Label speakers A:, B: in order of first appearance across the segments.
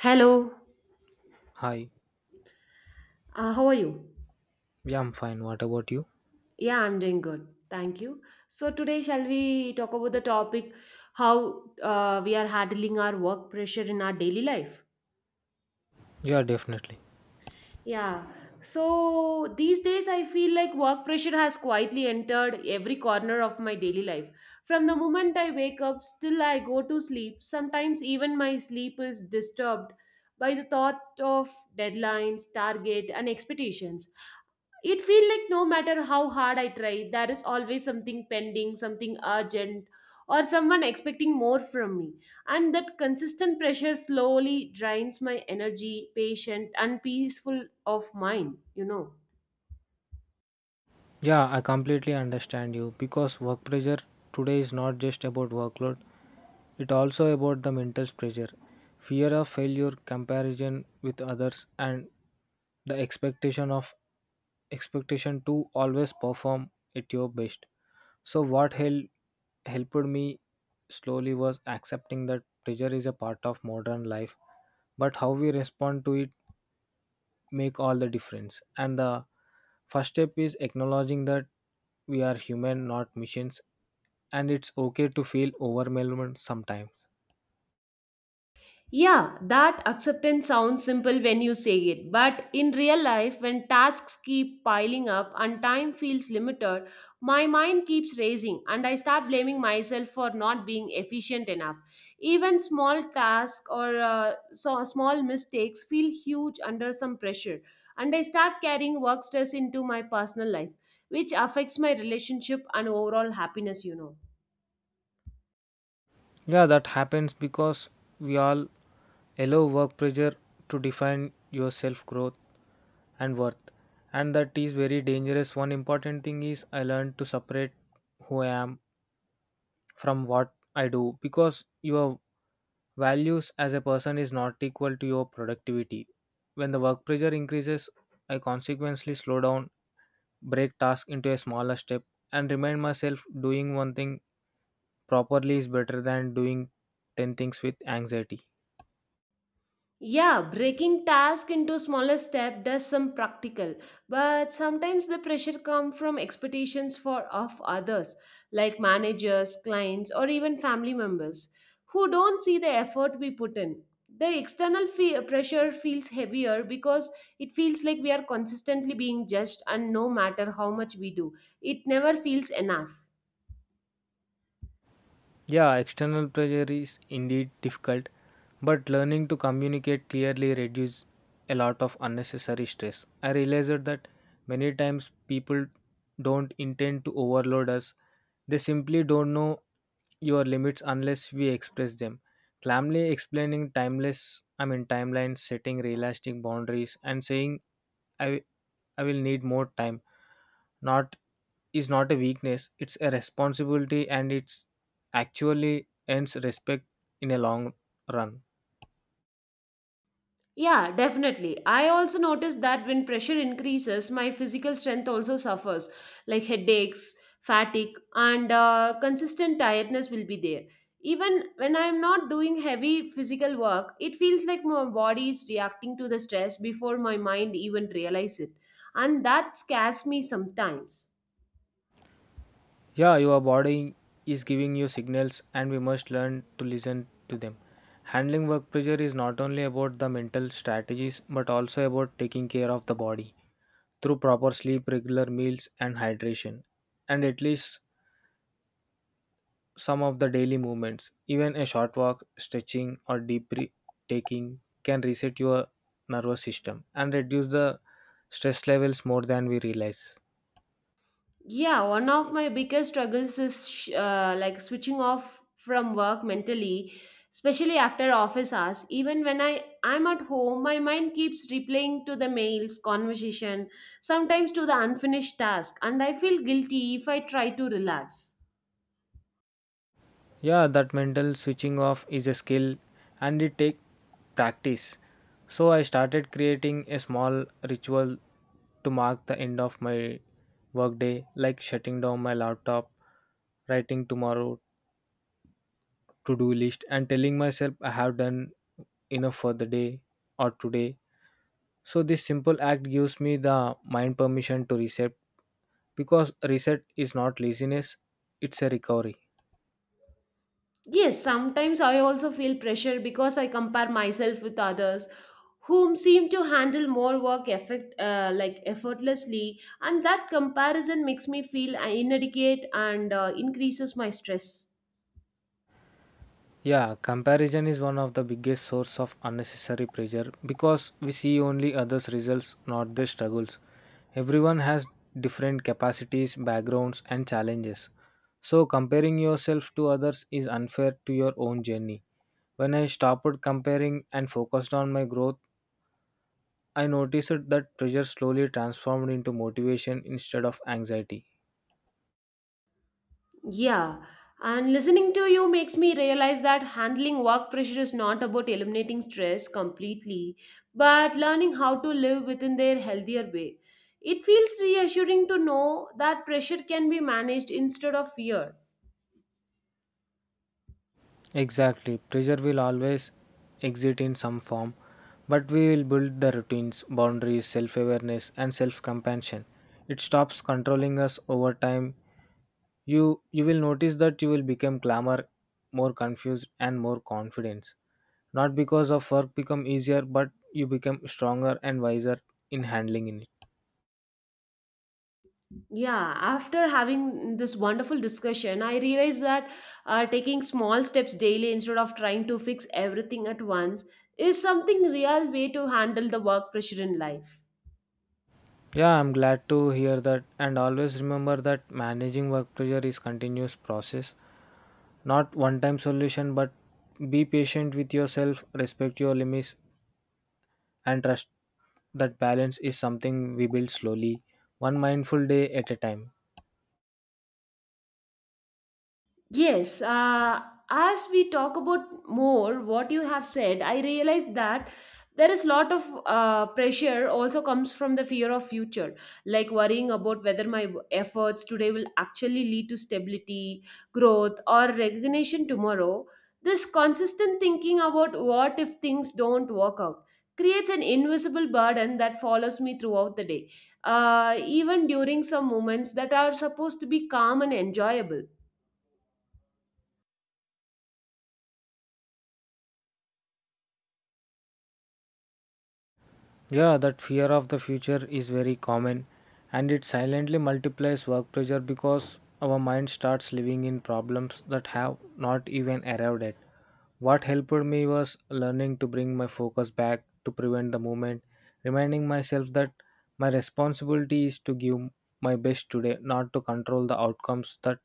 A: Hello,
B: Hi.
A: how are you?
B: Yeah, I'm fine. What about you?
A: Yeah, I'm doing good. Thank you. So, today, shall we talk about the topic how we are handling our work pressure in our daily life?
B: Yeah, definitely.
A: Yeah. So, these days, I feel like work pressure has quietly entered every corner of my daily life. From the moment I wake up, still I go to sleep. Sometimes, even my sleep is disturbed by the thought of deadlines, target, and expectations. It feel like no matter how hard I try, there is always something pending, something urgent, or someone expecting more from me, and that consistent pressure slowly drains my energy, patient, and peaceful of mind.
B: Yeah, I completely understand you because work pressure today is not just about workload, it also about the mental pressure, fear of failure, comparison with others, and the expectation to always perform at your best. So what helped me slowly was accepting that pressure is a part of modern life, but how we respond to it make all the difference, and the first step is acknowledging that we are human, not machines, and it's okay to feel overwhelmed sometimes.
A: Yeah, that acceptance sounds simple when you say it, but in real life, when tasks keep piling up and time feels limited, my mind keeps racing and I start blaming myself for not being efficient enough. Even small tasks or so small mistakes feel huge under some pressure, and I start carrying work stress into my personal life, which affects my relationship and overall happiness.
B: Yeah, that happens because we all allow work pressure to define your self growth and worth, and that is very dangerous. One important thing is I learned to separate who I am from what I do, because your values as a person is not equal to your productivity. When the work pressure increases, I consequently slow down, break tasks into a smaller step, and remind myself doing one thing properly is better than doing 10 things with anxiety.
A: Yeah, breaking task into smaller step does some practical, but sometimes the pressure come from expectations for of others, like managers, clients, or even family members, who don't see the effort we put in. The external pressure feels heavier because it feels like we are consistently being judged, and no matter how much we do, it never feels enough.
B: Yeah, external pressure is indeed difficult, but learning to communicate clearly reduces a lot of unnecessary stress. I realized that many times people don't intend to overload us, they simply don't know your limits unless we express them. Calmly explaining timelines, setting realistic boundaries, and saying, I, I will need more time, not is not a weakness, it's a responsibility, and it's actually earns respect in a long run.
A: Yeah, definitely. I also noticed that when pressure increases, my physical strength also suffers, like headaches, fatigue, and consistent tiredness will be there. Even when I'm not doing heavy physical work, it feels like my body is reacting to the stress before my mind even realizes it. And that scares me sometimes.
B: Yeah, your body is giving you signals and we must learn to listen to them. Handling work pressure is not only about the mental strategies but also about taking care of the body through proper sleep, regular meals, and hydration. And at least some of the daily movements, even a short walk, stretching, or deep breath taking, can reset your nervous system and reduce the stress levels more than we realize.
A: Yeah, one of my biggest struggles is like switching off from work mentally, especially after office hours. Even when I'm at home, my mind keeps replaying to the mails, conversation, sometimes to the unfinished task, and I feel guilty if I try to relax.
B: Yeah, that mental switching off is a skill and it takes practice. So I started creating a small ritual to mark the end of my workday, like shutting down my laptop, writing tomorrow to do list, and telling myself I have done enough for the day or today. So this simple act gives me the mind permission to reset because reset is not laziness, it's a recovery.
A: Yes, sometimes I also feel pressure because I compare myself with others whom seem to handle more work like effortlessly, and that comparison makes me feel inadequate and increases my stress.
B: Yeah, comparison is one of the biggest source of unnecessary pressure because we see only others' results, not their struggles. Everyone has different capacities, backgrounds, and challenges. So, comparing yourself to others is unfair to your own journey. When I stopped comparing and focused on my growth, I noticed that pressure slowly transformed into motivation instead of anxiety.
A: Yeah, and listening to you makes me realize that handling work pressure is not about eliminating stress completely, but learning how to live within their healthier way. It feels reassuring to know that pressure can be managed instead of fear.
B: Exactly. Pressure will always exist in some form, but we will build the routines, boundaries, self awareness, and self compassion. It stops controlling us over time. You will notice that you will become calmer, more confused, and more confident. Not because of work become easier, but you become stronger and wiser in handling it.
A: Yeah, after having this wonderful discussion, I realized that taking small steps daily instead of trying to fix everything at once is something real way to handle the work pressure in life.
B: Yeah, I'm glad to hear that, and always remember that managing work pressure is continuous process, not one time solution. But be patient with yourself, respect your limits, and trust that balance is something we build slowly, one mindful day at a time.
A: Yes, as we talk about more what you have said, I realized that there is lot of pressure also comes from the fear of future, like worrying about whether my efforts today will actually lead to stability, growth, or recognition tomorrow. This consistent thinking about what if things don't work out creates an invisible burden that follows me throughout the day, even during some moments that are supposed to be calm and enjoyable.
B: Yeah, that fear of the future is very common, and it silently multiplies work pressure because our mind starts living in problems that have not even arrived at. What helped me was learning to bring my focus back to prevent the movement, reminding myself that my responsibility is to give my best today, not to control the outcomes that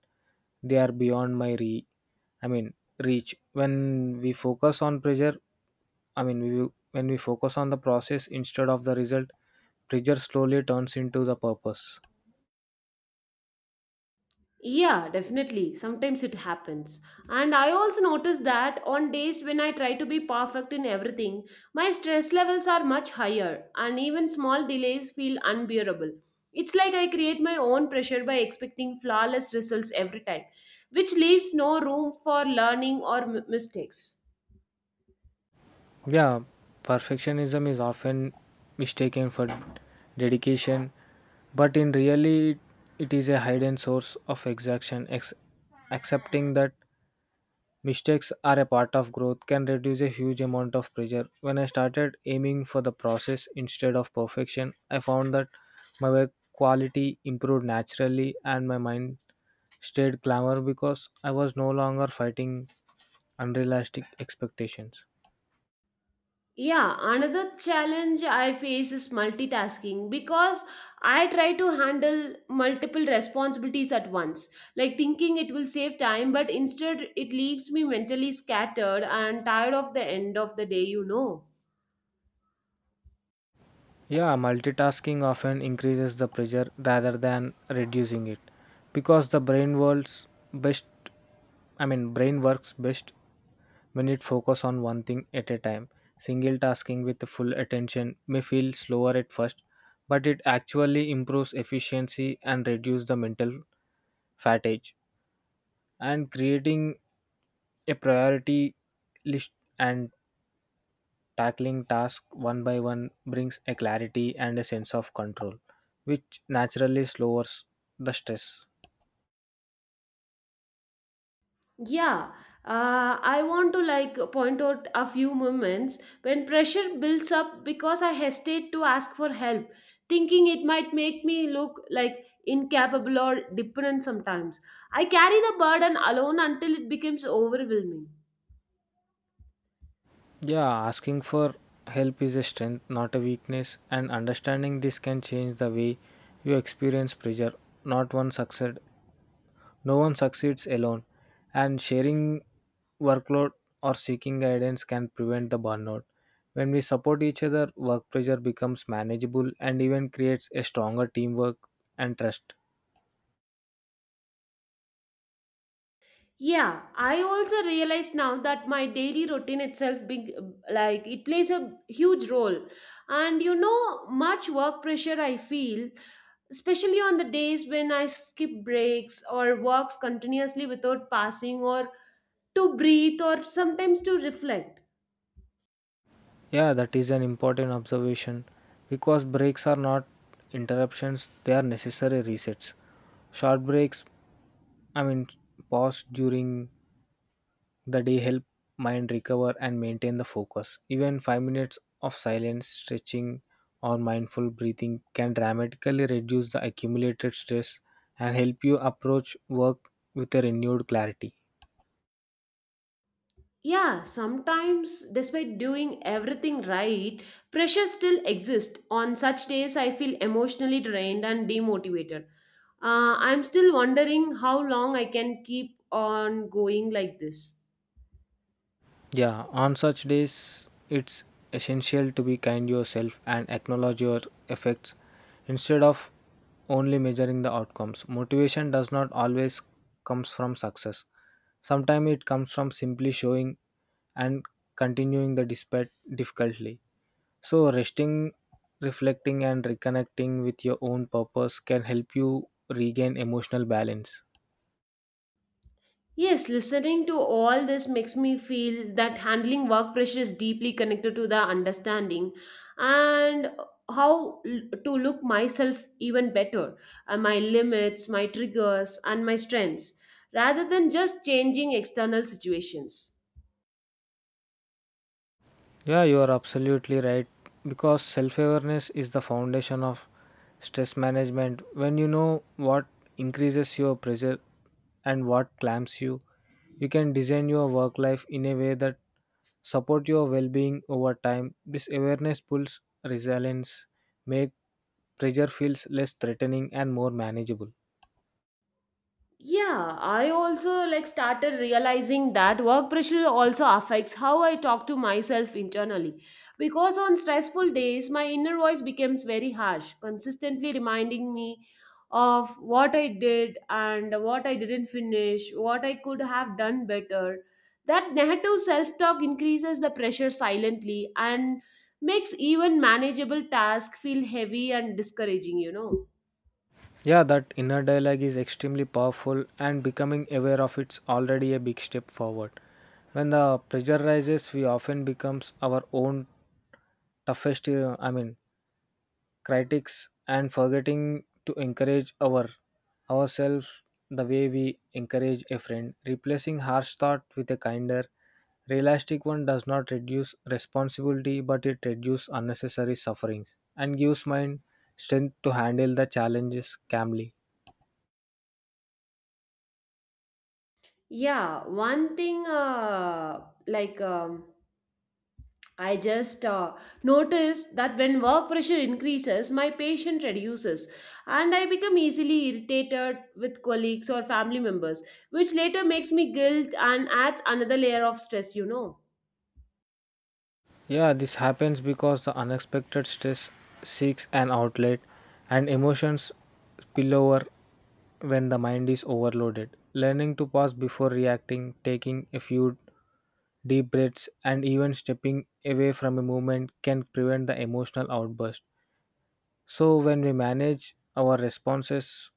B: they are beyond my re I mean reach. When we focus on pressure, I mean, we, when we focus on the process instead of the result, pressure slowly turns into the purpose.
A: Yeah, definitely. Sometimes it happens. And I also notice that on days when I try to be perfect in everything, my stress levels are much higher, and even small delays feel unbearable. It's like I create my own pressure by expecting flawless results every time, which leaves no room for learning or mistakes.
B: Yeah, perfectionism is often mistaken for dedication, but in reality, it is a hidden source of exhaustion. Accepting that mistakes are a part of growth can reduce a huge amount of pressure. When I started aiming for the process instead of perfection, I found that my work quality improved naturally and my mind stayed glamour because I was no longer fighting unrealistic expectations.
A: Yeah, another challenge I face is multitasking because I try to handle multiple responsibilities at once, like thinking it will save time, but instead it leaves me mentally scattered and tired of the end of the day.
B: Yeah, multitasking often increases the pressure rather than reducing it because the brain works best I mean brain works best when it focuses on one thing at a time. Single tasking with full attention may feel slower at first, but it actually improves efficiency and reduces the mental fatigue. And creating a priority list and tackling tasks one by one brings a clarity and a sense of control, which naturally lowers the stress.
A: Yeah, I want to like point out a few moments when pressure builds up because I hesitate to ask for help, thinking it might make me look like incapable or dependent sometimes. I carry the burden alone until it becomes overwhelming.
B: Yeah, asking for help is a strength, not a weakness, and understanding this can change the way you experience pressure. Not one succeed, No one succeeds alone, and sharing workload or seeking guidance can prevent the burnout. When we support each other, work pressure becomes manageable and even creates a stronger teamwork and trust.
A: Yeah, I also realize now that my daily routine itself being like it plays a huge role. And you know, much work pressure I feel especially on the days when I skip breaks or walks continuously without passing or to breathe or sometimes to reflect.
B: Yeah, that is an important observation because breaks are not interruptions, they are necessary resets. Short breaks, I mean, Pause during the day help mind recover and maintain the focus. Even 5 minutes of silence, stretching, or mindful breathing can dramatically reduce the accumulated stress and help you approach work with a renewed clarity.
A: Yeah, sometimes despite doing everything right, pressure still exists. On such days, I feel emotionally drained and demotivated. I'm still wondering how long I can keep on going like this.
B: Yeah, on such days, it's essential to be kind yourself and acknowledge your effects instead of only measuring the outcomes. Motivation does not always comes from success. Sometimes it comes from simply showing and continuing the despite difficulty. So resting, reflecting, and reconnecting with your own purpose can help you regain emotional balance.
A: Yes, listening to all this makes me feel that handling work pressure is deeply connected to the understanding and to look myself even better, my limits, my triggers, and my strengths, rather than just changing external situations.
B: Yeah, you are absolutely right. Because self awareness is the foundation of stress management. When you know what increases your pressure and what clamps you, you can design your work life in a way that support your well-being over time. This awareness pulls resilience, make pressure feels less threatening and more manageable.
A: Yeah, I also like started realizing that work pressure also affects how I talk to myself internally. Because on stressful days, my inner voice becomes very harsh, consistently reminding me of what I did and what I didn't finish, what I could have done better. That negative self talk increases the pressure silently and makes even manageable tasks feel heavy and discouraging.
B: Yeah, that inner dialogue is extremely powerful, and becoming aware of it's already a big step forward. When the pressure rises, we often becomes our own toughest, uh, I mean, critics, and forgetting to encourage ourselves the way we encourage a friend. Replacing harsh thought with a kinder, realistic one does not reduce responsibility, but it reduces unnecessary sufferings and gives mind strength to handle the challenges calmly.
A: Yeah, one thing like um, I just noticed that when work pressure increases, my patience reduces and I become easily irritated with colleagues or family members, which later makes me guilt and adds another layer of stress.
B: Yeah, this happens because the unexpected stress seeks an outlet and emotions spill over when the mind is overloaded. Learning to pause before reacting, taking a few deep breaths, and even stepping away from a movement can prevent the emotional outburst. So, when we manage our responses,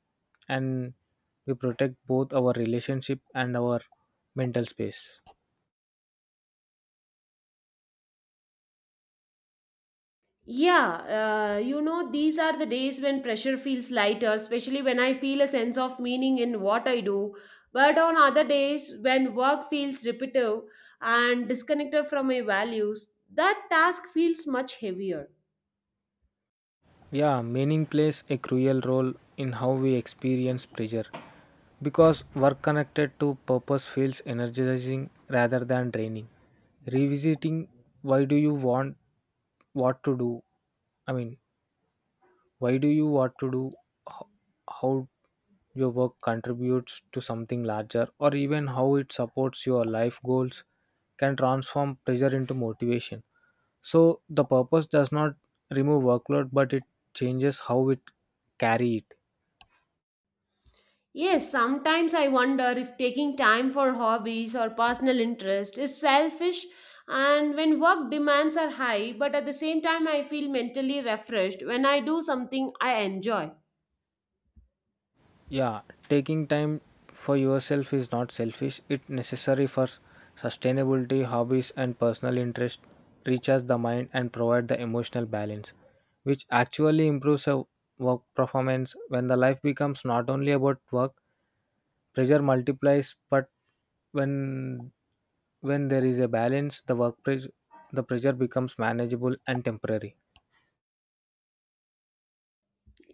B: and we protect both our relationship and our mental space.
A: Yeah, these are the days when pressure feels lighter, especially when I feel a sense of meaning in what I do. But on other days, when work feels repetitive and disconnected from my values, that task feels much heavier.
B: Yeah, meaning plays a crucial role in how we experience pleasure because work connected to purpose feels energizing rather than draining. Revisiting why do you want what to do? I mean, why do you want to do, Ho- how your work contributes to something larger, or even how it supports your life goals, can transform pressure into motivation. So the purpose does not remove workload, but it changes how it carry it.
A: Yes, sometimes I wonder if taking time for hobbies or personal interest is selfish and when work demands are high, but at the same time I feel mentally refreshed when I do something I enjoy.
B: Yeah, taking time for yourself is not selfish. It's necessary for sustainability, hobbies, and personal interest. Recharge the mind and provide the emotional balance, which actually improves a work performance. When the life becomes not only about work, pressure multiplies, but when when there is a balance, the pressure becomes manageable and temporary.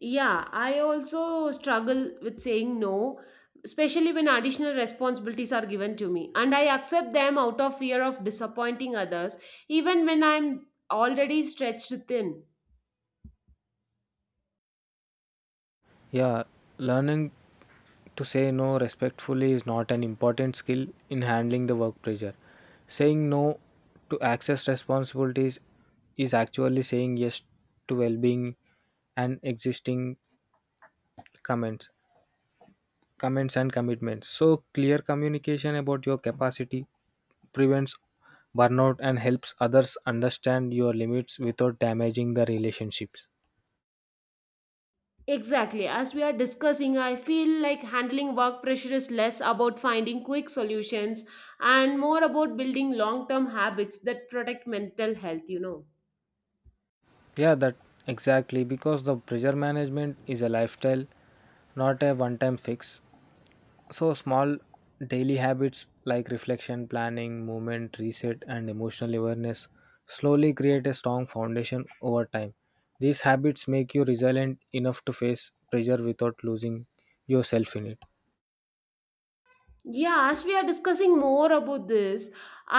A: Yeah, I also struggle with saying no, especially when additional responsibilities are given to me. And I accept them out of fear of disappointing others, even when I'm already stretched thin.
B: Yeah, learning to say no respectfully is not an important skill in handling the work pressure. Saying no to access responsibilities is actually saying yes to well being and existing comments, comments and commitments. So, clear communication about your capacity prevents burnout and helps others understand your limits without damaging the relationships.
A: Exactly. As we are discussing, I feel like handling work pressure is less about finding quick solutions and more about building long term habits that protect mental health.
B: Yeah, that exactly because the pressure management is a lifestyle, not a one time fix. So, small daily habits like reflection, planning, movement, reset, and emotional awareness slowly create a strong foundation over time. These habits make you resilient enough to face pressure without losing yourself in it.
A: Yeah, as we are discussing more about this,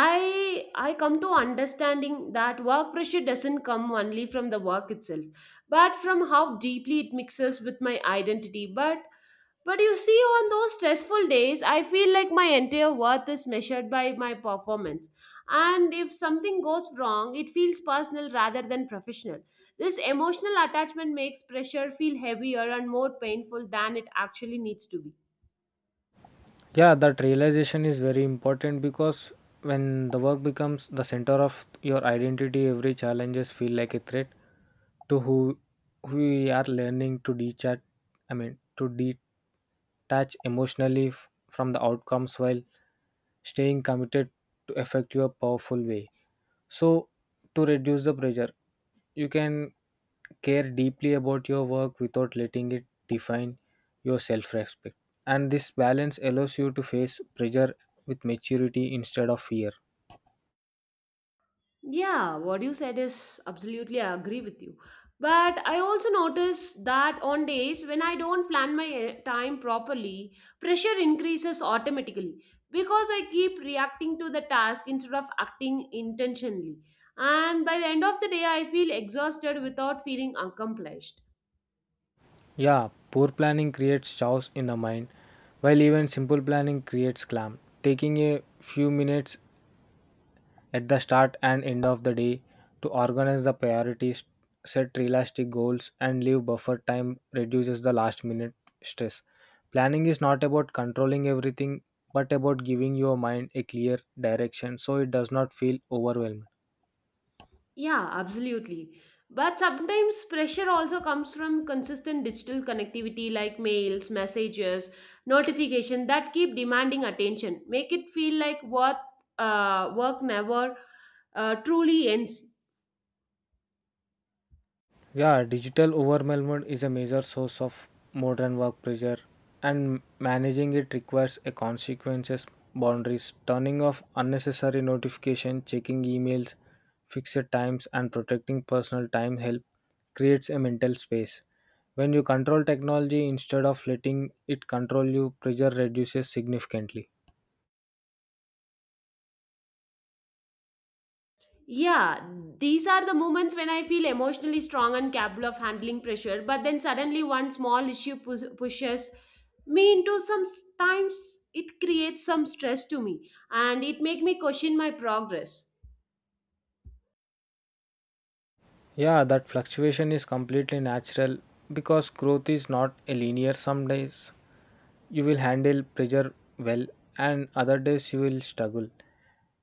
A: I come to understanding that work pressure doesn't come only from the work itself, but from how deeply it mixes with my identity. But you see, on those stressful days, I feel like my entire worth is measured by my performance, and if something goes wrong, it feels personal rather than professional. This emotional attachment makes pressure feel heavier and more painful than it actually needs to be.
B: Yeah, that realization is very important because when the work becomes the center of your identity, every challenges feel like a threat to who we are. Learning to detach emotionally from the outcomes while staying committed to effective a powerful way, so to reduce the pressure, you can care deeply about your work without letting it define your self respect, and this balance allows you to face pressure with maturity instead of fear.
A: Yeah, what you said is absolutely, I agree with you. But I also notice that on days when I don't plan my time properly, pressure increases automatically because I keep reacting to the task instead of acting intentionally. And by the end of the day, I feel exhausted without feeling accomplished.
B: Yeah, poor planning creates chaos in the mind, while even simple planning creates clam. Taking a few minutes at the start and end of the day to organize the priorities, set realistic goals, and leave buffer time reduces the last minute stress. Planning is not about controlling everything, but about giving your mind a clear direction so it does not feel overwhelmed.
A: Yeah, absolutely. But sometimes pressure also comes from consistent digital connectivity like mails, messages, notification that keep demanding attention, make it feel like what work never truly ends.
B: Yeah, digital overwhelm is a major source of modern work pressure, and managing it requires a consequences boundaries, turning off unnecessary notification, checking emails, fixed times, and protecting personal time help creates a mental space. When you control technology instead of letting it control you, pressure reduces significantly.
A: Yeah, these are the moments when I feel emotionally strong and capable of handling pressure, but then suddenly one small issue pushes me into some times, it creates some stress to me and it make me question my progress.
B: Yeah, that fluctuation is completely natural because growth is not a linear some days, you will handle pressure well and other days you will struggle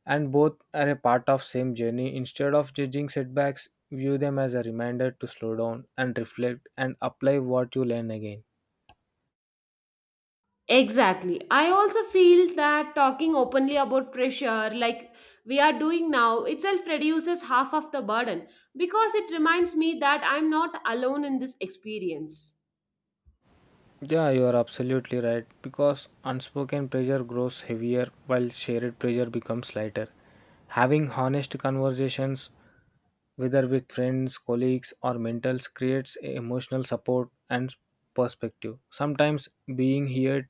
B: and both are a part of same journey instead of judging setbacks view them as a reminder to slow down and reflect and apply what you learn again.
A: Exactly. I also feel that talking openly about pressure, like we are doing now, itself reduces half of the burden because it reminds me that I'm not alone in this experience.
B: Yeah, you are absolutely right because unspoken pressure grows heavier while shared pressure becomes lighter having honest conversations whether with friends colleagues or mentors creates emotional support and perspective sometimes being heard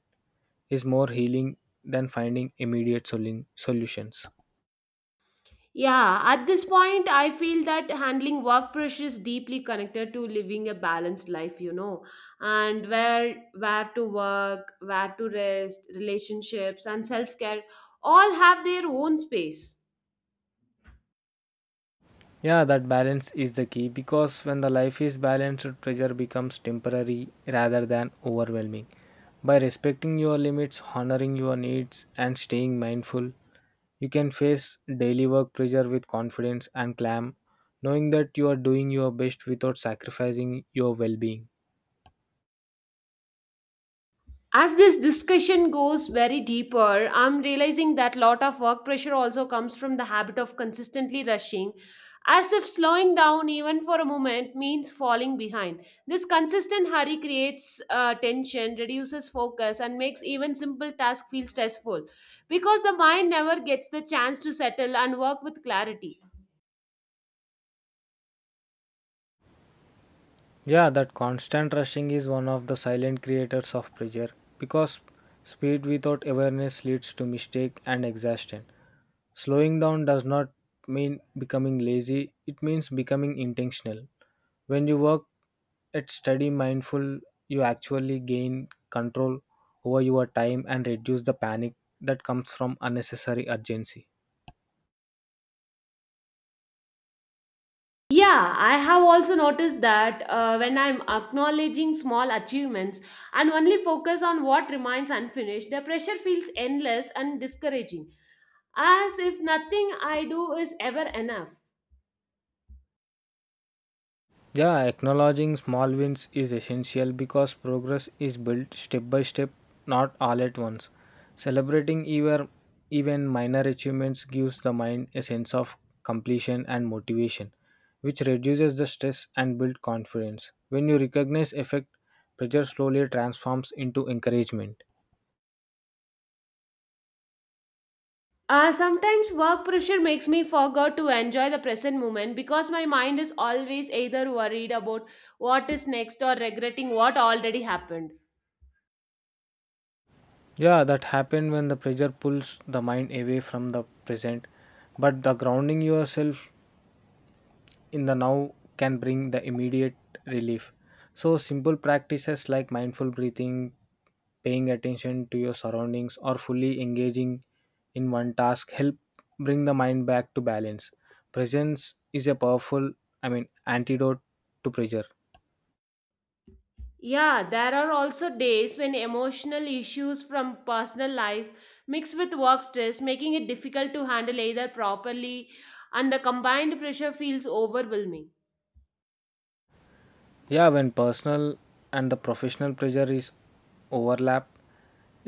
B: is more healing than finding immediate solutions.
A: Yeah, at this point, I feel that handling work pressure is deeply connected to living a balanced life, you know, and where to work, where to rest, relationships, and self care all have their own space.
B: Yeah, that balance is the key because when the life is balanced, pressure becomes temporary rather than overwhelming. By respecting your limits, honoring your needs, and staying mindful, you can face daily work pressure with confidence and calm, knowing that you are doing your best without sacrificing your well being.
A: As this discussion goes very deeper, I'm realizing that lot of work pressure also comes from the habit of consistently rushing, as if slowing down even for a moment means falling behind. This consistent hurry creates tension, reduces focus, and makes even simple tasks feel stressful because the mind never gets the chance to settle and work with clarity.
B: Yeah, that constant rushing is one of the silent creators of pressure because speed without awareness leads to mistake and exhaustion. Slowing down does not mean becoming lazy, it means becoming intentional. When you work at steady mindful, you actually gain control over your time and reduce the panic that comes from unnecessary urgency.
A: Yeah, I have also noticed that when I'm acknowledging small achievements and only focus on what remains unfinished, the pressure feels endless and discouraging, as if nothing I do is ever enough.
B: Yeah, acknowledging small wins is essential because progress is built step by step, not all at once. Celebrating even minor achievements gives the mind a sense of completion and motivation, which reduces the stress and builds confidence. When you recognize effect, pressure slowly transforms into encouragement.
A: Sometimes work pressure makes me forget to enjoy the present moment because my mind is always either worried about what is next or regretting what already happened.
B: Yeah, that happened when the pressure pulls the mind away from the present, but the grounding yourself in the now can bring the immediate relief. So, simple practices like mindful breathing, paying attention to your surroundings, or fully engaging in one task help bring the mind back to balance. Presence is a powerful, I mean, antidote to pressure.
A: Yeah, there are also days when emotional issues from personal life mix with work stress, making it difficult to handle either properly, and the combined pressure feels overwhelming.
B: Yeah, when personal and the professional pressure is overlap,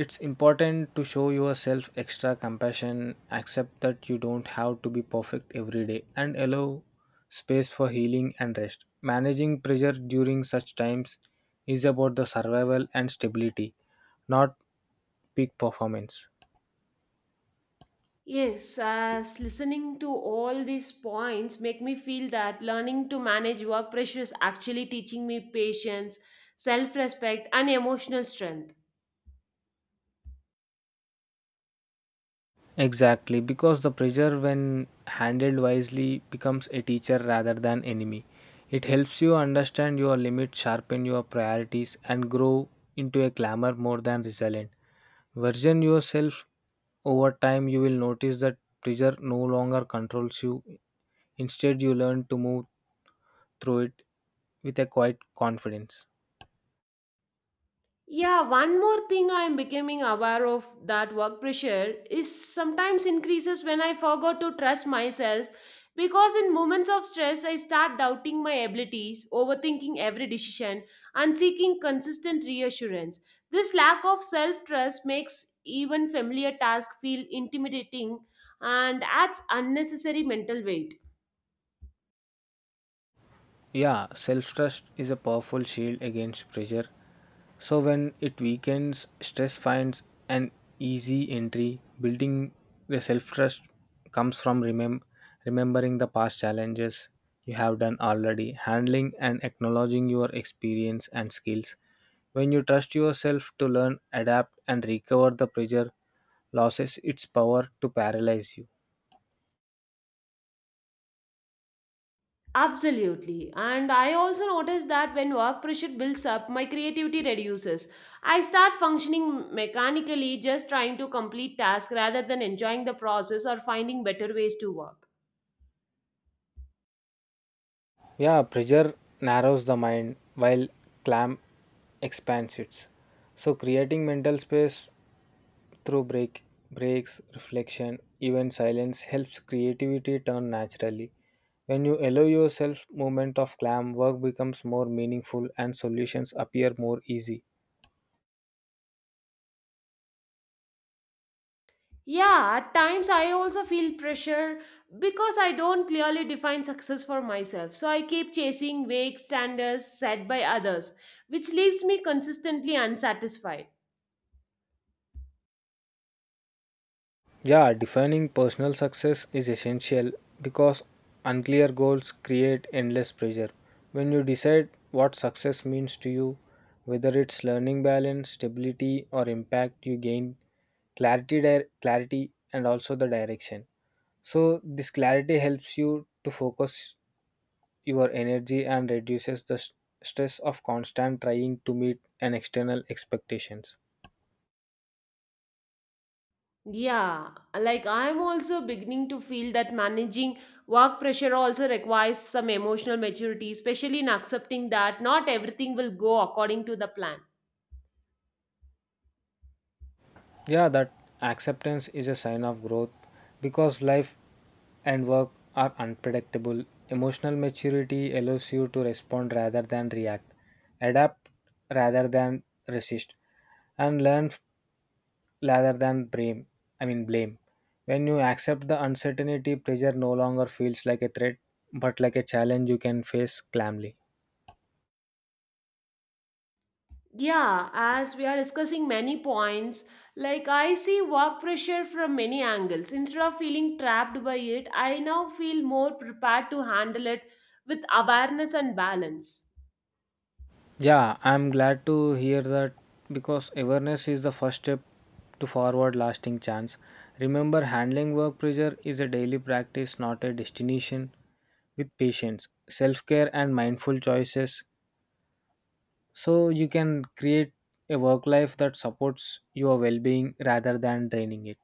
B: it's important to show yourself extra compassion, accept that you don't have to be perfect every day, and allow space for healing and rest. Managing pressure during such times is about the survival and stability, not peak performance.
A: Yes, as listening to all these points make me feel that learning to manage work pressure is actually teaching me patience, self-respect, and emotional strength.
B: Exactly, because the pressure, when handled wisely, becomes a teacher rather than enemy. It helps you understand your limits, sharpen your priorities, and grow into a clamor more than resilient. Version yourself over time, you will notice that pressure no longer controls you. Instead, you learn to move through it with a quiet confidence.
A: Yeah, one more thing I am becoming aware of that work pressure is sometimes increases when I forgot to trust myself, because in moments of stress I start doubting my abilities, overthinking every decision and seeking consistent reassurance. This lack of self-trust makes even familiar tasks feel intimidating and adds unnecessary mental weight.
B: Yeah, self trust is a powerful shield against pressure. So, when it weakens, stress finds an easy entry. Building the self trust comes from remembering the past challenges you have done already, handling and acknowledging your experience and skills. When you trust yourself to learn, adapt, and recover, the pressure loses its power to paralyze you.
A: Absolutely. And I also noticed that when work pressure builds up, my creativity reduces. I start functioning mechanically, just trying to complete tasks rather than enjoying the process or finding better ways to work.
B: Yeah, pressure narrows the mind while clam expands it. So, creating mental space through breaks, reflection, even silence helps creativity turn naturally. When you allow yourself movement of clam, work becomes more meaningful and solutions appear more easy.
A: Yeah, at times I also feel pressure because I don't clearly define success for myself. So I keep chasing vague standards set by others, which leaves me consistently unsatisfied.
B: Yeah, defining personal success is essential because unclear goals create endless pressure. When you decide what success means to you, whether it's learning balance, stability, or impact, you gain clarity, clarity, and also the direction. So this clarity helps you to focus your energy and reduces the stress of constant trying to meet an external expectations.
A: Yeah, like I'm also beginning to feel that managing work pressure also requires some emotional maturity, especially in accepting that not everything will go according to the plan.
B: Yeah, that acceptance is a sign of growth because life and work are unpredictable. Emotional maturity allows you to respond rather than react, adapt rather than resist, and learn f- rather than blame. I mean, blame. When you accept the uncertainty, pressure no longer feels like a threat but like a challenge you can face calmly.
A: Yeah, as we are discussing many points, like I see work pressure from many angles. Instead of feeling trapped by it, I now feel more prepared to handle it with awareness and balance.
B: Yeah, I'm glad to hear that because awareness is the first step to forward lasting chance. Remember, handling work pressure is a daily practice, not a destination. With patience, self care, and mindful choices, so you can create a work life that supports your well being rather than draining it.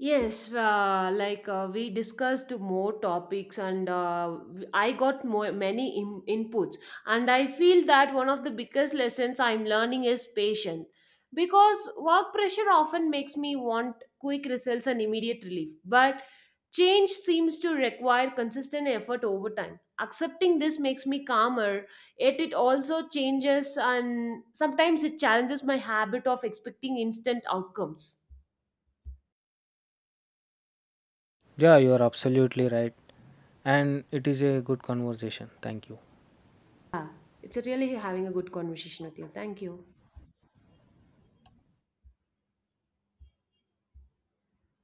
A: Yes, we discussed more topics, and I got more many inputs, and I feel that one of the biggest lessons I'm learning is patience, because work pressure often makes me want quick results and immediate relief, but change seems to require consistent effort over time. Accepting this makes me calmer, yet it also changes, and sometimes it challenges my habit of expecting instant outcomes.
B: Yeah, you're absolutely right. And it is a good conversation. Thank you.
A: Yeah, it's really having a good conversation with you. Thank you.